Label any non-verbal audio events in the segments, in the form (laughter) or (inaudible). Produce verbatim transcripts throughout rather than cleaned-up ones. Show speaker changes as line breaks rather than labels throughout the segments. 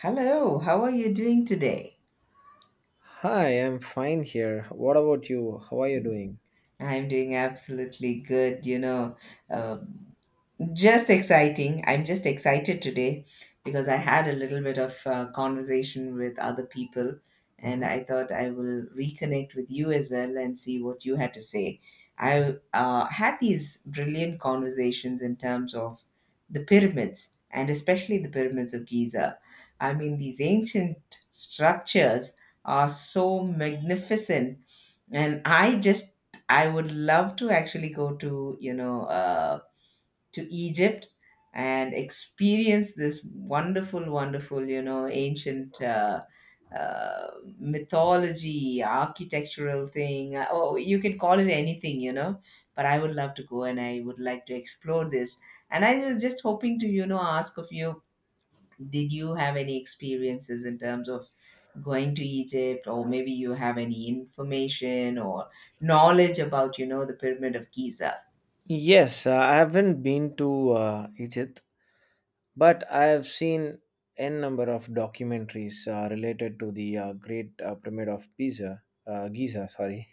Hello, how are you doing today?
Hi, I'm fine here. What about you? How are you doing?
I'm doing absolutely good. You know, um, Just exciting. I'm just excited today because I had a little bit of uh, conversation with other people, and
Uh-huh.
I thought I will reconnect with you as well and see what you had to say. I uh, had these brilliant conversations in terms of the pyramids, and especially the pyramids of Giza. I mean, these ancient structures are so magnificent, and I just I would love to actually go to you know. Uh, to Egypt and experience this wonderful, wonderful, you know, ancient uh, uh, mythology, architectural thing. Uh, Oh, you can call it anything, you know. But I would love to go and I would like to explore this. And I was just hoping to, you know, ask of you, did you have any experiences in terms of going to Egypt, or maybe you have any information or knowledge about, you know, the Pyramid of Giza?
Yes, uh, I haven't been to uh, Egypt, but I have seen n number of documentaries uh, related to the uh, Great uh, Pyramid of Pisa, uh, Giza. Sorry,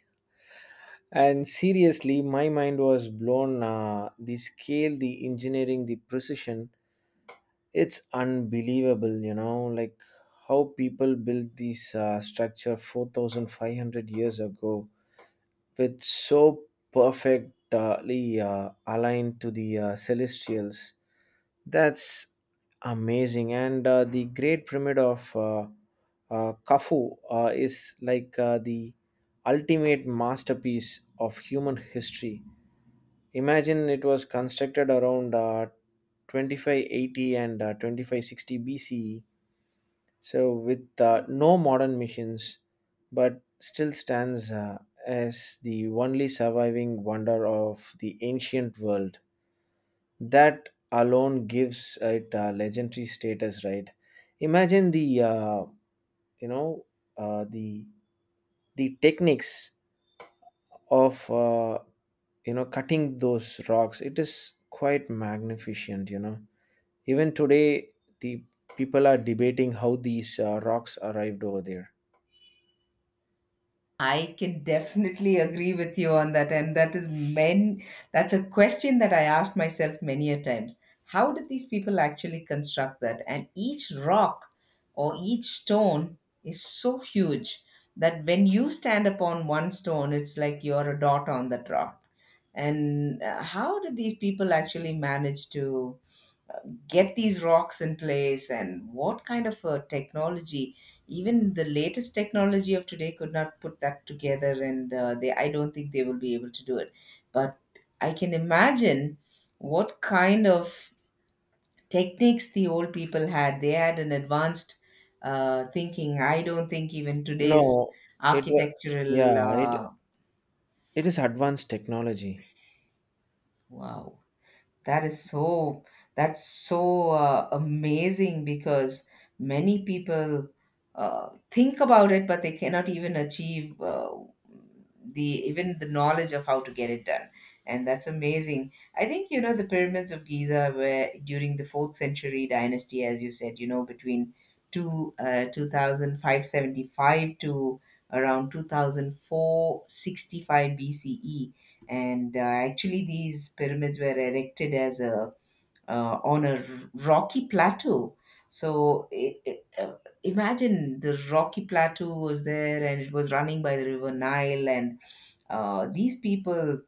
and seriously, my mind was blown. Uh, the scale, the engineering, the precision, it's unbelievable. You know, like how people built this uh, structure four thousand five hundred years ago with so perfectly uh, aligned to the uh, celestials. That's amazing. And uh, the Great Pyramid of uh, uh, Khufu uh, is like uh, the ultimate masterpiece of human history. Imagine it was constructed around uh, twenty-five eighty and uh, twenty-five sixty B C E, so with uh, no modern machines, but still stands uh, as the only surviving wonder of the ancient world. That alone gives it a legendary status, right? Imagine the uh, you know uh, the the techniques of uh, you know cutting those rocks. It is quite magnificent, you know. Even today, the people are debating how these uh, rocks arrived over there.
I can definitely agree with you on that. And that is men that's a question that I asked myself many a times. How did these people actually construct that? And each rock or each stone is so huge that when you stand upon one stone, it's like you're a dot on that rock. And uh, how did these people actually manage to get these rocks in place, and what kind of a technology, even the latest technology of today, could not put that together? And uh, they, I don't think they will be able to do it, but I can imagine what kind of techniques the old people had. They had an advanced uh, thinking. I don't think even today's
No, it wa-
architectural
yeah, it
uh,
it is advanced technology.
wow. That is so, that's so uh, amazing because many people uh, think about it, but they cannot even achieve uh, the even the knowledge of how to get it done. And that's amazing. I think, you know, the pyramids of Giza were during the fourth century dynasty, as you said, you know, between two, uh, two thousand five hundred seventy-five to around two thousand four sixty five B C E. And uh, actually these pyramids were erected as a uh, on a r- rocky plateau. So i i uh, imagine the rocky plateau was there, and it was running by the river Nile. And uh, these people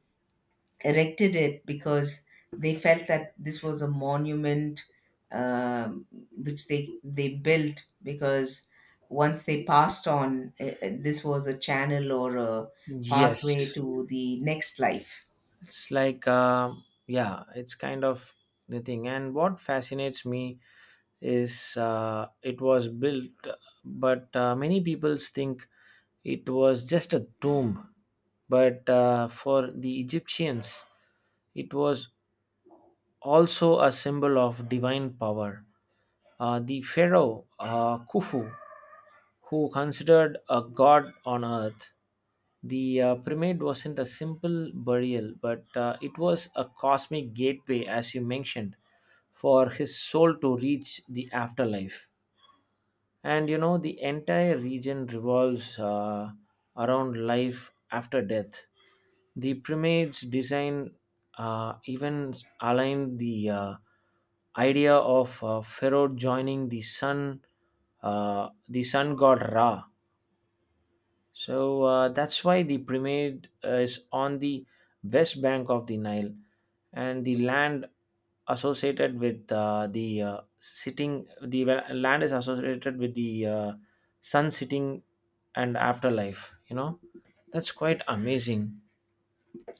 erected it because they felt that this was a monument, um, which they they built because once they passed on uh, uh, this was a channel or a
Yes,
pathway to the next life.
it's like, um yeah, it's kind of the thing. And what fascinates me is uh, it was built, but uh, many people think it was just a tomb. But uh, for the Egyptians, it was also a symbol of divine power. Uh, the pharaoh uh, Khufu who considered a god on earth. The uh, pyramid wasn't a simple burial, but uh, it was a cosmic gateway, as you mentioned, for his soul to reach the afterlife. And you know, the entire region revolves uh, around life after death. The pyramid's design uh, even aligned the uh, idea of uh, Pharaoh joining the sun, uh, the sun god Ra, so uh, that's why the pyramid uh, is on the west bank of the Nile, and the land associated with uh, the uh, sitting, the wa- land is associated with the uh, sun sitting and afterlife. You know, that's quite amazing.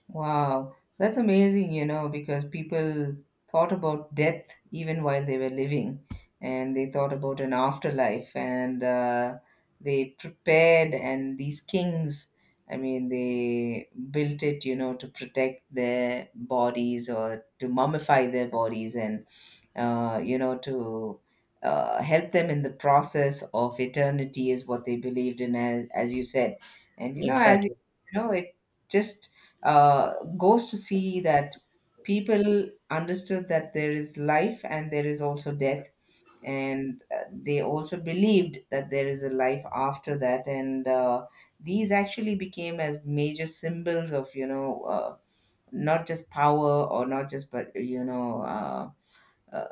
Wow, that's amazing, you know, because people thought about death even while they were living, and they thought about an afterlife, and uh, they prepared. And these kings, I mean, they built it, you know, to protect their bodies or to mummify their bodies, and uh, you know, to uh, help them in the process of eternity is what they believed in, as, as you said. And, you know, as you,
Exactly.
you know, it just uh, goes to see that people understood that there is life and there is also death. And uh, they also believed that there is a life after that. And uh, these actually became as major symbols of, you know, uh, not just power or not just, but, you know, uh, uh,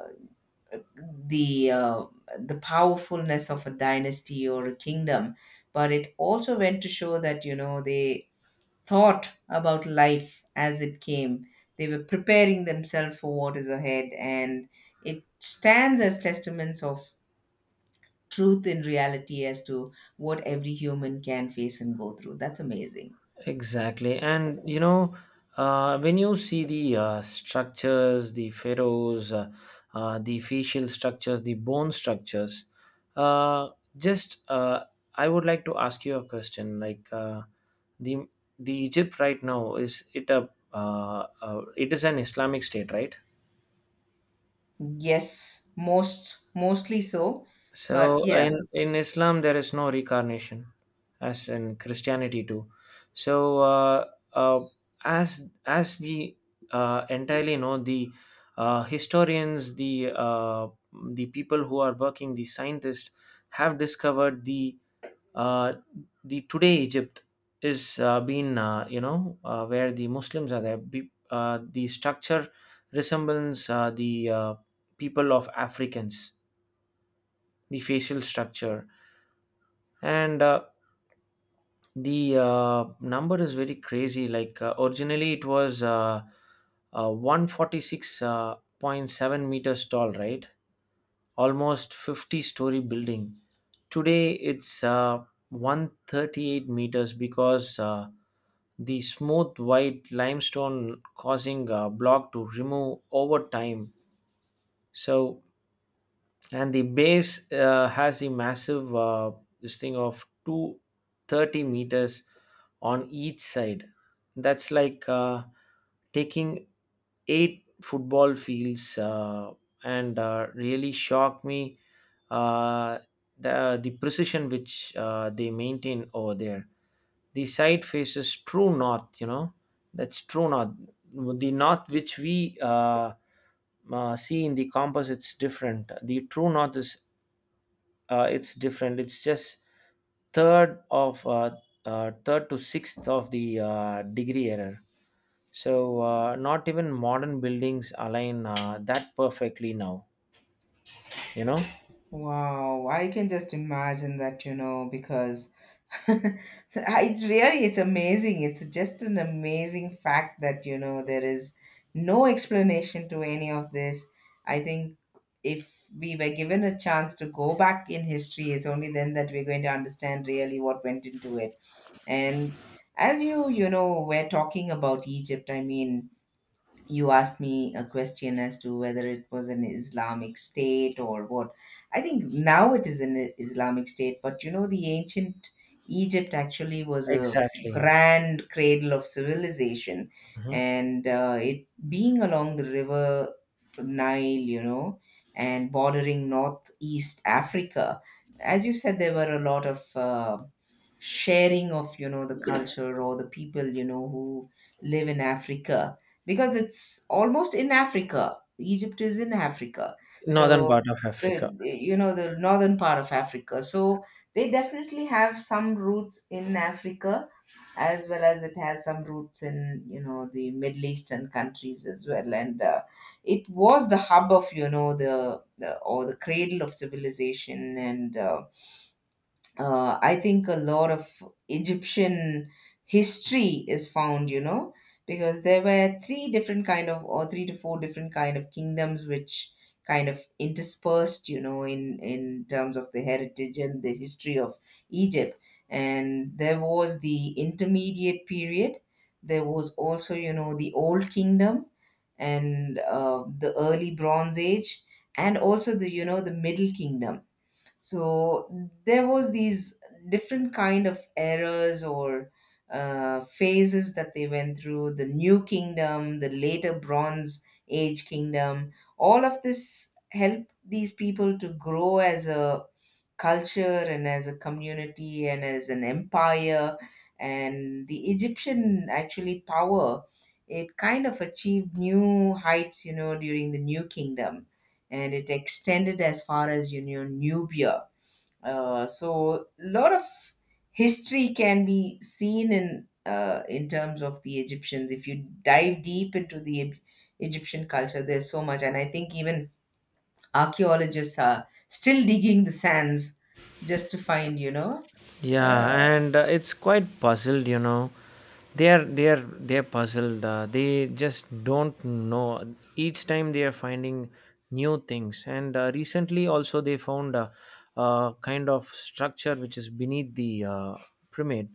the uh, the powerfulness of a dynasty or a kingdom. But it also went to show that, you know, they thought about life as it came. They were preparing themselves for what is ahead, and it stands as testaments of truth in reality as to what every human can face and go through. That's amazing.
Exactly. And you know, uh, when you see the uh, structures, the pharaohs, uh, uh, the facial structures, the bone structures, uh, just uh, I would like to ask you a question. Like, uh, the the Egypt right now, is it a uh, uh, it is an Islamic state, right?
Yes, most mostly so. But
So
yeah,
in in Islam there is no reincarnation, as in Christianity too. So, uh, uh, as as we uh, entirely know, the uh, historians, the uh, the people who are working, the scientists have discovered the, uh, the today Egypt is uh, been, uh, you know uh, where the Muslims are there. Be, uh, the structure resembles uh, the uh, people of Africans. The facial structure. And uh, the uh, number is very crazy. Like, uh, originally it was, uh, uh, one hundred forty-six point seven meters tall, right? Almost fifty story building. Today it's uh, one hundred thirty-eight meters because uh, the smooth white limestone causing a block to remove over time. So, and the base uh, has a massive, uh, this thing of two hundred thirty meters on each side. That's like uh, taking eight football fields, uh, and uh, really shocked me. Uh, the, the precision which uh, they maintain over there, the side faces true north, you know that's true north. The north which we uh, uh, see in the compass, it's different. The true north is uh, it's different. It's just third of, uh, uh, third to sixth of the uh, degree error. So uh, not even modern buildings align uh, that perfectly now, you know
wow, I can just imagine that, you know, because (laughs) so, uh, it's really, it's amazing. It's just an amazing fact that, you know, there is no explanation to any of this. I think, if we were given a chance to go back in history, it's only then that we're going to understand really what went into it. And as you you know, we're talking about Egypt. I mean, you asked me a question as to whether it was an Islamic state or what. I think now it is an I- Islamic state, but you know, the ancient Egypt actually was a
exactly.
grand cradle of civilization,
Mhm.
and uh, it being along the river Nile, you know, and bordering northeast Africa. As you said, there were a lot of uh, sharing of, you know, the culture or the people, you know, who live in Africa because it's almost in Africa. Egypt is in Africa.
Northern
So,
part of
uh,
Africa.
you know, the northern part of Africa. So, they definitely have some roots in Africa as well as it has some roots in, you know, the Middle Eastern countries as well. And uh, it was the hub of, you know, the, the or the cradle of civilization. And uh, uh, I think a lot of Egyptian history is found, you know, because there were three different kind of, or three to four different kind of kingdoms, which kind of interspersed, you know, in in terms of the heritage and the history of Egypt. And there was the intermediate period. There was also, you know, the Old Kingdom and uh, the early Bronze Age, and also the, you know, the Middle Kingdom. So there was these different kind of eras or uh, phases that they went through, the new kingdom, the later bronze age kingdom. All of this helped these people to grow as a culture, and as a community, and as an empire. And the Egyptian actually power, it kind of achieved new heights, you know, during the new kingdom, and it extended as far as, you know, Nubia. Uh, so a lot of history can be seen in uh, in terms of the Egyptians. If you dive deep into the Eg- Egyptian culture, there's so much, and I think even archaeologists are still digging the sands just to find, you know. Uh,
Yeah, and uh, it's quite puzzled, you know. They're they're they're puzzled. Uh, they just don't know. Each time they are finding new things, and uh, recently also they found a, a kind of structure which is beneath the uh, pyramid,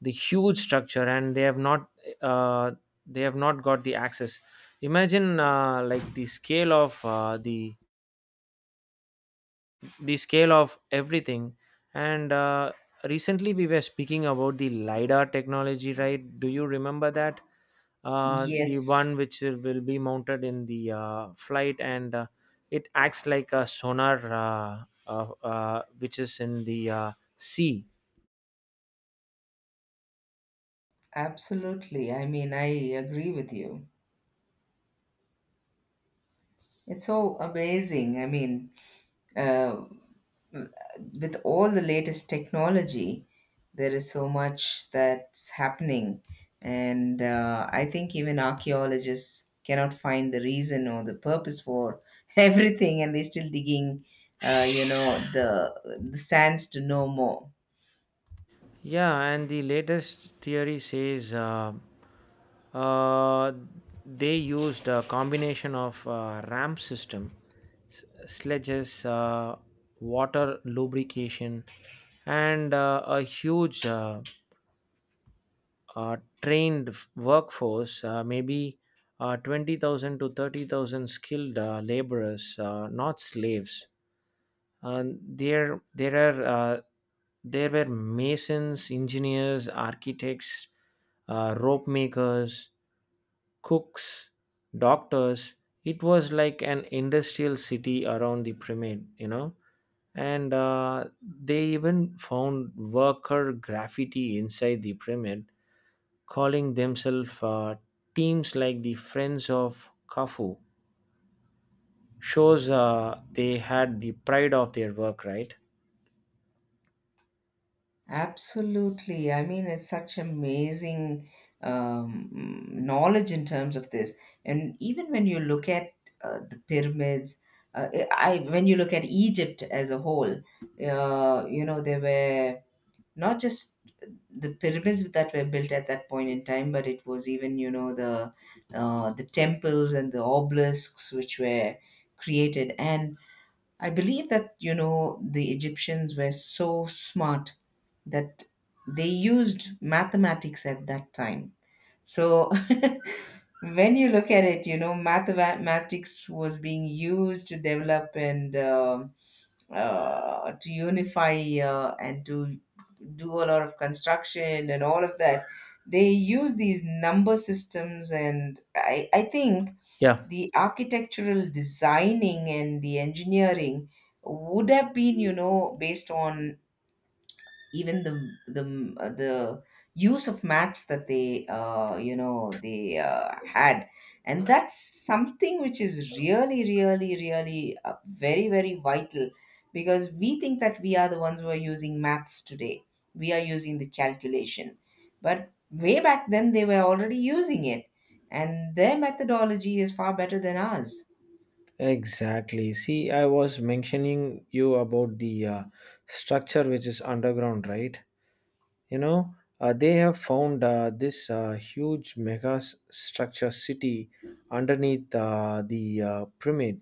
the huge structure, and they have not uh, they have not got the access. Imagine, uh, like the scale of uh, the the scale of everything. And uh, recently we were speaking about the LiDAR technology, right? Do you remember that? Uh, the
yes,
one which will be mounted in the uh, flight, and uh, it acts like a sonar, uh, uh, uh, which is in the uh, sea.
absolutely. I mean, I agree with you. It's so amazing. I mean, uh, with all the latest technology, there is so much that's happening. And uh, I think even archaeologists cannot find the reason or the purpose for (laughs) everything, and they're still digging, uh, you know, the, the sands to know more.
Yeah, and the latest theory says, Uh, Uh, they used a combination of uh, ramp system, s- sledges, uh, water lubrication, and uh, a huge, uh, uh, trained f- workforce, uh, maybe uh, twenty thousand to thirty thousand skilled uh, laborers, uh, not slaves. And there, there are uh, there were masons, engineers, architects, uh, rope makers, cooks, doctors. It was like an industrial city around the pyramid, you know. And uh, they even found worker graffiti inside the pyramid, calling themselves uh, teams like the Friends of Khufu. Shows uh, they had the pride of their work, right?
Absolutely. I mean, it's such amazing um, knowledge in terms of this. And even when you look at uh, the pyramids, uh, I when you look at Egypt as a whole, uh, you know, there were not just the pyramids that were built at that point in time, but it was even, you know, the uh, the temples and the obelisks which were created. And I believe that, you know, the Egyptians were so smart that they used mathematics at that time. So (laughs) when you look at it, you know, mathematics was being used to develop and um uh, to unify, uh, and to do a lot of construction and all of that. They use these number systems, and I, I think
Yeah,
the architectural designing and the engineering would have been, you know, based on even the the uh, the use of maths that they uh, you know, they uh, had. And that's something which is really, really, really uh, very, very vital because we think that we are the ones who are using maths today. We are using the calculation, but way back then, they were already using it, and their methodology is far better than ours.
exactly. See, I was mentioning you about the uh, structure which is underground, right? you know uh, they have found uh, this uh, huge mega s- structure city underneath uh, the uh, pyramid.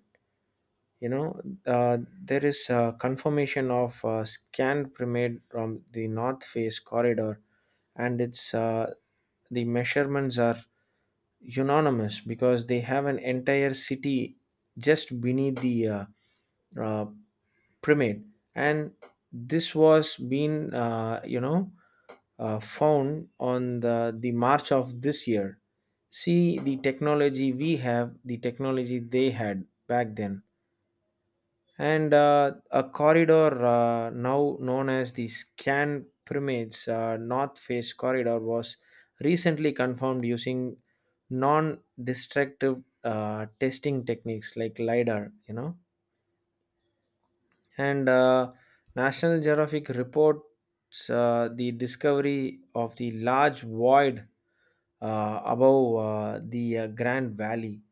You know uh, there is a confirmation of uh, scanned pyramid from the north face corridor, and it's, uh, the measurements are unanimous because they have an entire city just beneath the, uh, uh, pyramid. And this was been, uh, you know uh, found on the, the March of this year. See the technology we have, the technology they had back then. And uh, a corridor, uh, now known as the Scan Pyramids uh, North Face Corridor, was recently confirmed using non destructive uh, testing techniques like LIDAR, you know and uh, National Geographic reports uh, the discovery of the large void uh, above uh, the uh, Grand Valley.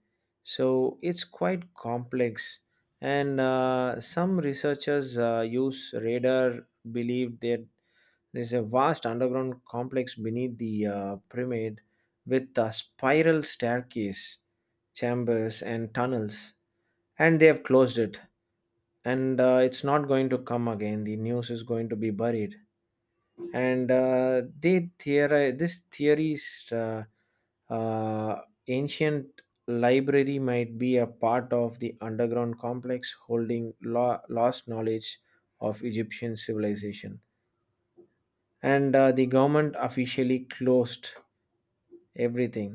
So it's quite complex, and uh, some researchers uh, use radar, believed that there's a vast underground complex beneath the uh, pyramid with a spiral staircase, chambers, and tunnels, and they have closed it. And uh, it's not going to come again. The news is going to be buried. And uh, they theori- this theory is, uh, uh, ancient library might be a part of the underground complex holding lo- lost knowledge of Egyptian civilization. And uh, the government officially closed everything.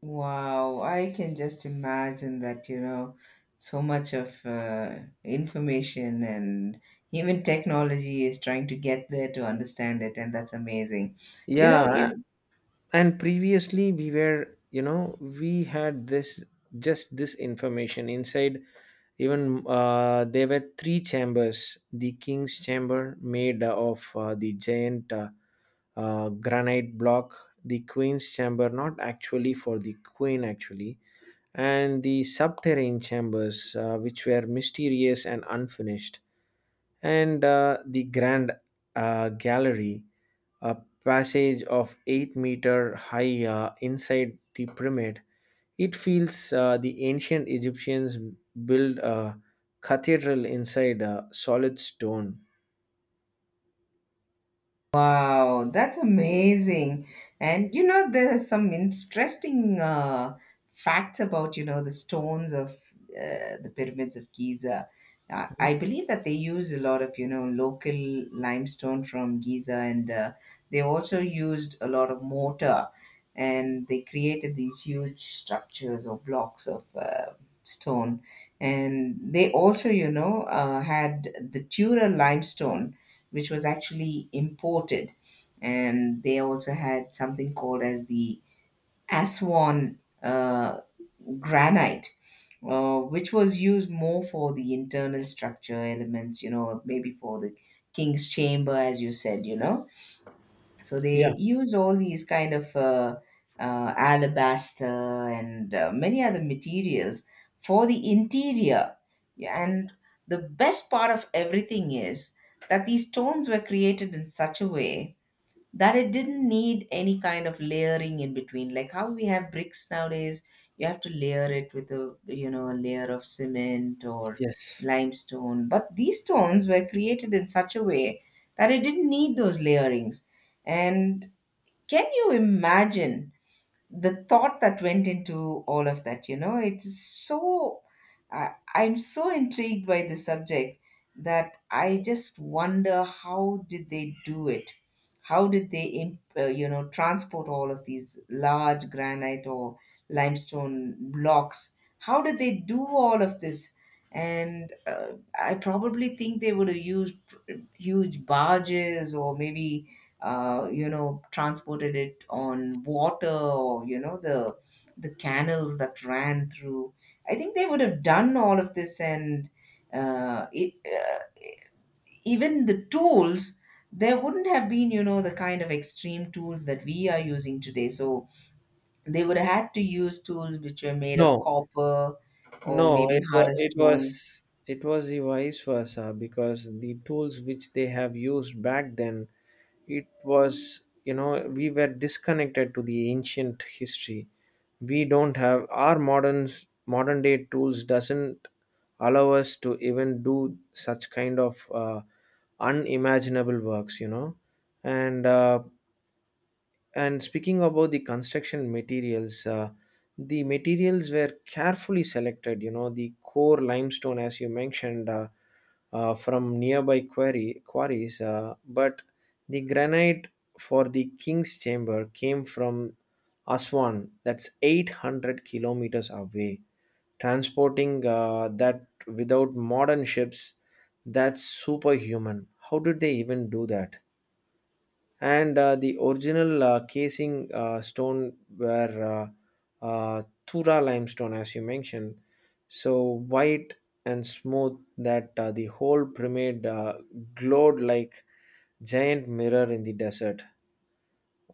Wow, I can just imagine that, you know, so much of uh, information and even technology is trying to get there to understand it, and that's amazing. You know,
Yeah, and previously we were, you know we had this, just this information inside. Even uh, there were three chambers: the king's chamber made of uh, the giant, uh, uh, granite block; the queen's chamber, not actually for the queen actually; and the subterranean chambers, uh, which were mysterious and unfinished. And uh, the grand uh, gallery, a passage of eight meter high uh, inside the pyramid. It feels uh, the ancient Egyptians built a cathedral inside a solid stone.
wow, that's amazing. And you know, there are some interesting uh, facts about, you know, the stones of uh, the pyramids of Giza. I
Mhm.
I believe that they use a lot of, you know, local limestone from Giza, and uh, they also used a lot of mortar, and they created these huge structures or blocks of uh, stone. And they also, you know, uh, had the Tura limestone which was actually imported. And they also had something called as the Aswan uh, granite, uh, which was used more for the internal structure elements, you know, maybe for the king's chamber, as you said, you know, so they
Yeah,
use all these kind of uh, uh, alabaster and uh, many other materials for the interior. Yeah, and the best part of everything is that these stones were created in such a way that it didn't need any kind of layering in between, like how we have bricks nowadays. You have to layer it with, a you know, a layer of cement or
yes.
limestone, but these stones were created in such a way that it didn't need those layerings. And can you imagine the thought that went into all of that? You know, it's so, I i'm so intrigued by the subject that I just wonder, how did they do it? How did they imp- uh, you know, transport all of these large granite or limestone blocks? How did they do all of this? And uh, I probably think they would have used huge barges, or maybe, uh, you know, transported it on water, or you know, the the canals that ran through. I think they would have done all of this. And uh, it, uh, even the tools, there wouldn't have been, you know, the kind of extreme tools that we are using today, so they would have had to use tools which were made of
No,
copper or
no,
maybe
it,
harder
wa- it
stones.
was it was the vice versa, because the tools which they have used back then, it was, you know we were disconnected to the ancient history. We don't have our modern modern day tools. Doesn't allow us to even do such kind of uh, unimaginable works you know and uh, and speaking about the construction materials, uh, the materials were carefully selected. You know, the core limestone, as you mentioned, uh, uh, from nearby quarry quarries, uh, but the granite for the king's chamber came from Aswan. That's eight hundred kilometers away. Transporting uh, that without modern ships, that's superhuman. How did they even do that? And uh, the original uh, casing uh, stone were, uh, uh, Tura limestone, as you mentioned, so white and smooth that uh, the whole pyramid uh, glowed like giant mirror in the desert.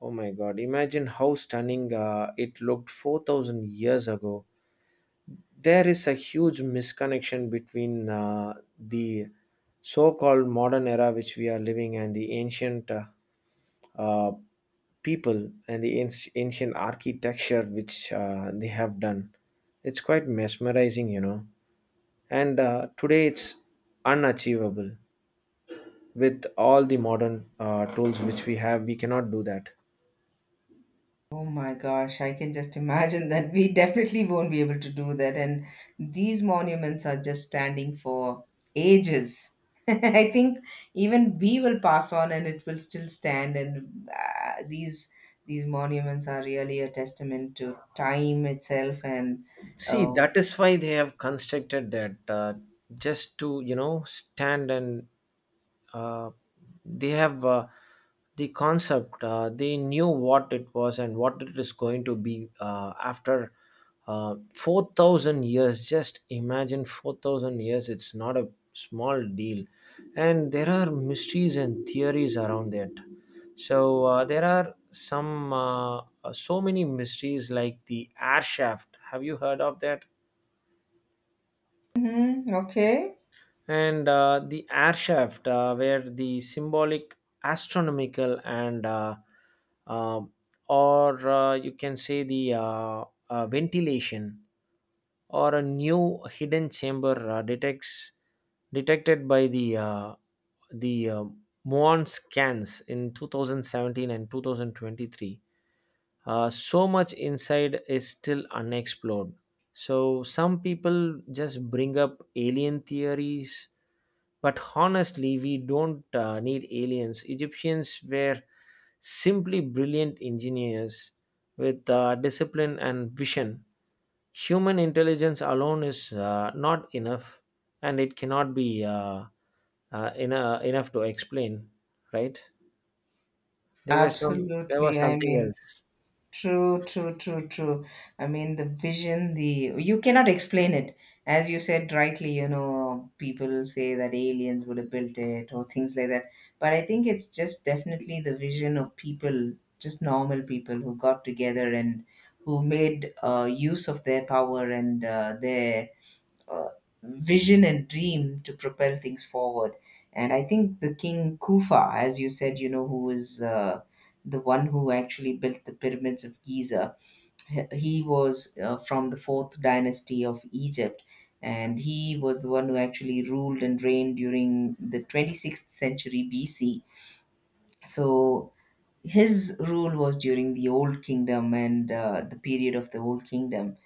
Oh my God! Imagine how stunning uh, it looked four thousand years ago. There is a huge misconnection between uh, the so-called modern era which we are living, and the ancient, uh, uh, people, and the anci- ancient architecture which uh, they have done. It's quite mesmerizing, you know. And uh, today it's unachievable. With all the modern uh, tools which we have, we cannot do that.
Oh my gosh, I can just imagine that we (laughs) definitely won't be able to do that. And these monuments are just standing for ages. (laughs) I think even we will pass on and it will still stand. And uh, these these monuments are really a testament to time itself. And
See,
uh,
that is why they have constructed that, uh, just to, you know, stand, and uh, they have, uh, the concept, uh, they knew what it was and what it is going to be uh, after uh, four thousand years. Just imagine four thousand years, it's not a small deal. And there are mysteries and theories around it. So uh, there are some, uh, uh, so many mysteries, like the air shaft. Have you heard of that?
mhm, okay,
And uh, the air shaft, uh, where the symbolic, astronomical, and, uh, uh, or uh, you can say the, uh, uh, ventilation, or a new hidden chamber uh, detects detected by the uh, the uh, muon scans in two thousand seventeen and twenty twenty-three. Uh, so much inside is still unexplored. So some people just bring up alien theories, but honestly, we don't uh, need aliens. Egyptians were simply brilliant engineers with uh, discipline and vision. Human intelligence alone is uh, not enough, and it cannot be, uh, uh, ena- enough to explain. Right? There was some. There was
absolutely. I
something
mean,
else.
true, true, true, true. I mean, the vision, the, you cannot explain it. As you said rightly, you know, people say that aliens would have built it or things like that. But I think it's just definitely the vision of people, just normal people who got together and who made uh, use of their power and uh, their uh, vision and dream to propel things forward. And I think the King Kufa, as you said, you know, who is uh, the one who actually built the pyramids of Giza, he he was uh, from the fourth dynasty of Egypt. And he was the one who actually ruled and reigned during the twenty-sixth century B C. So his rule was during the Old Kingdom and uh, the period of the Old Kingdom,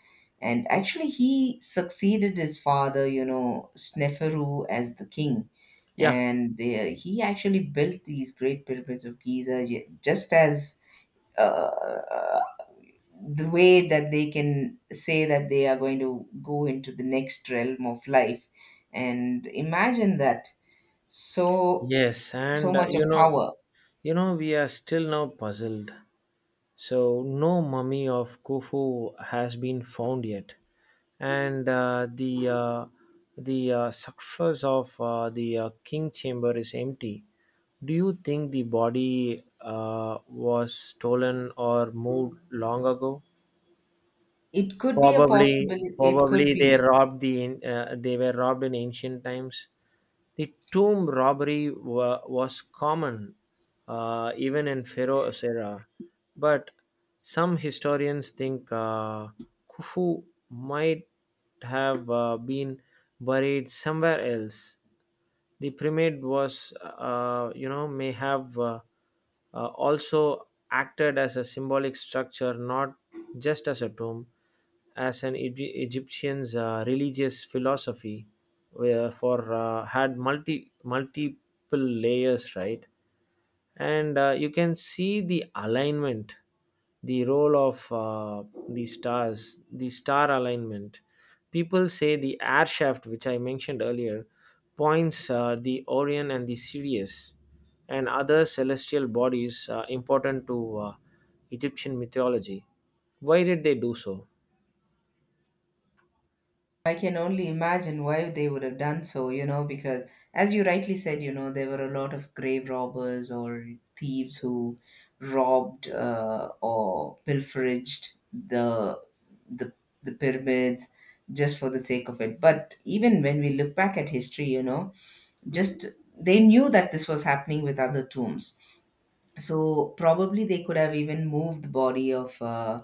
and actually, he succeeded his father, you know, Sneferu as the king.
Yeah,
And uh, he actually built these great pyramids of Giza ju- just as uh, the way that they can say that they are going to go into the next realm of life. And imagine that, so
yes,
so
and uh,
much
you
of
know,
power.
you know, we are still now puzzled. So no mummy of Khufu has been found yet, and uh, the uh, the uh, surface of uh, the uh, king chamber is empty. Do you think the body uh, was stolen or moved long ago?
It could be a
Probably,
possibility. It could
probably they
be.
robbed the an- uh, they were robbed in ancient times. The tomb robbery wa- was common uh, even in Pharaoh's era, but some historians think uh, Khufu might have uh, been buried somewhere else. The primate was, uh, you know may have uh, uh, also acted as a symbolic structure, not just as a tomb, as an Egy- egyptian's uh, religious philosophy, where for uh, had multi multiple layers, right? And uh, you can see the alignment, the role of uh, the stars, the star alignment. People say the air shaft which I mentioned earlier points uh, the Orion and the Sirius and other celestial bodies uh, important to uh, Egyptian mythology. Why did they do so?
I can only imagine why they would have done so, you know, because as you rightly said, you know, there were a lot of grave robbers or thieves who robbed uh, or pilferaged the, the the pyramids just for the sake of it. But even when we look back at history, you know, just, they knew that this was happening with other tombs, so probably they could have even moved the body of uh,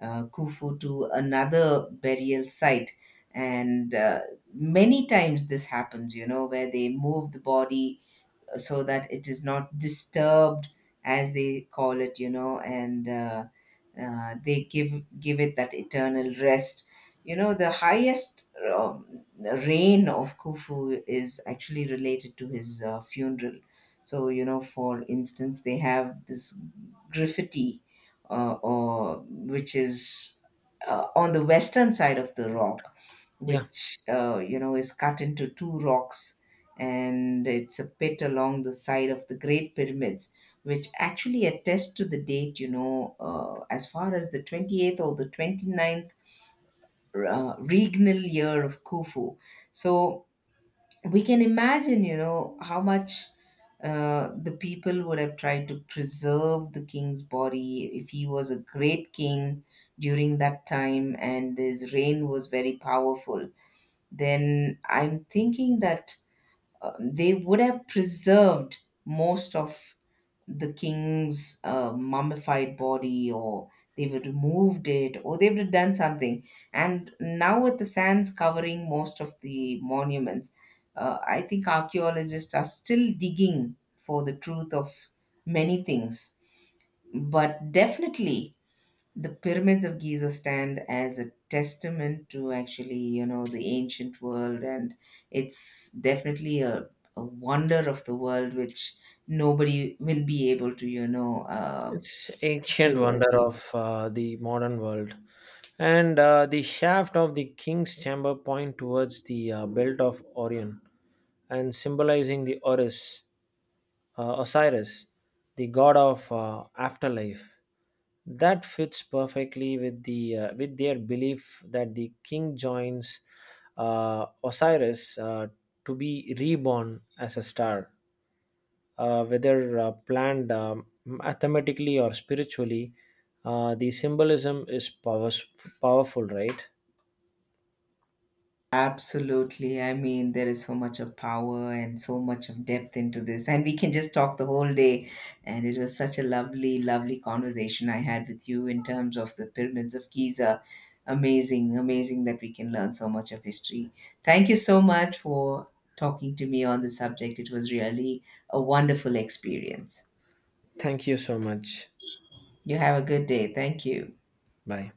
uh, Khufu to another burial site. And uh, many times this happens, you know, where they move the body so that it is not disturbed, as they call it, you know. And uh, uh, they give give it that eternal rest, you know. The highest um, reign of Khufu is actually related to his uh, funeral. So you know, for instance, they have this graffiti, uh, or which is uh, on the western side of the rock,
Yeah.
which uh, you know is cut into two rocks, and it's a pit along the side of the Great Pyramids, which actually attest to the date, you know, uh, as far as the twenty-eighth or the 29th uh, regnal year of Khufu. So we can imagine, you know, how much uh, the people would have tried to preserve the king's body if he was a great king during that time and his reign was very powerful. Then I'm thinking that uh, they would have preserved most of the king's uh, mummified body, or they would have removed it, or they would have done something. And now with the sands covering most of the monuments, uh, I think archaeologists are still digging for the truth of many things. But definitely the pyramids of Giza stand as a testament to actually, you know, the ancient world, and it's definitely a, a wonder of the world which nobody will be able to, you know, uh,
It's ancient
to
wonder
achieve.
of uh, the modern world, and uh, the shaft of the king's chamber point towards the uh, belt of Orion, and symbolizing the Oris, uh, Osiris, the god of uh, afterlife. That fits perfectly with the uh, with their belief that the king joins uh, Osiris uh, to be reborn as a star, uh, whether uh, planned, um, mathematically or spiritually, uh, the symbolism is powers- powerful, right?
Absolutely. I mean, there is so much of power and so much of depth into this, and we can just talk the whole day. And it was such a lovely, lovely conversation I had with you in terms of the pyramids of Giza. Amazing, amazing that we can learn so much of history. Thank you so much for talking to me on the subject. It was really a wonderful experience.
Thank you so much.
You have a good day. Thank you.
Bye.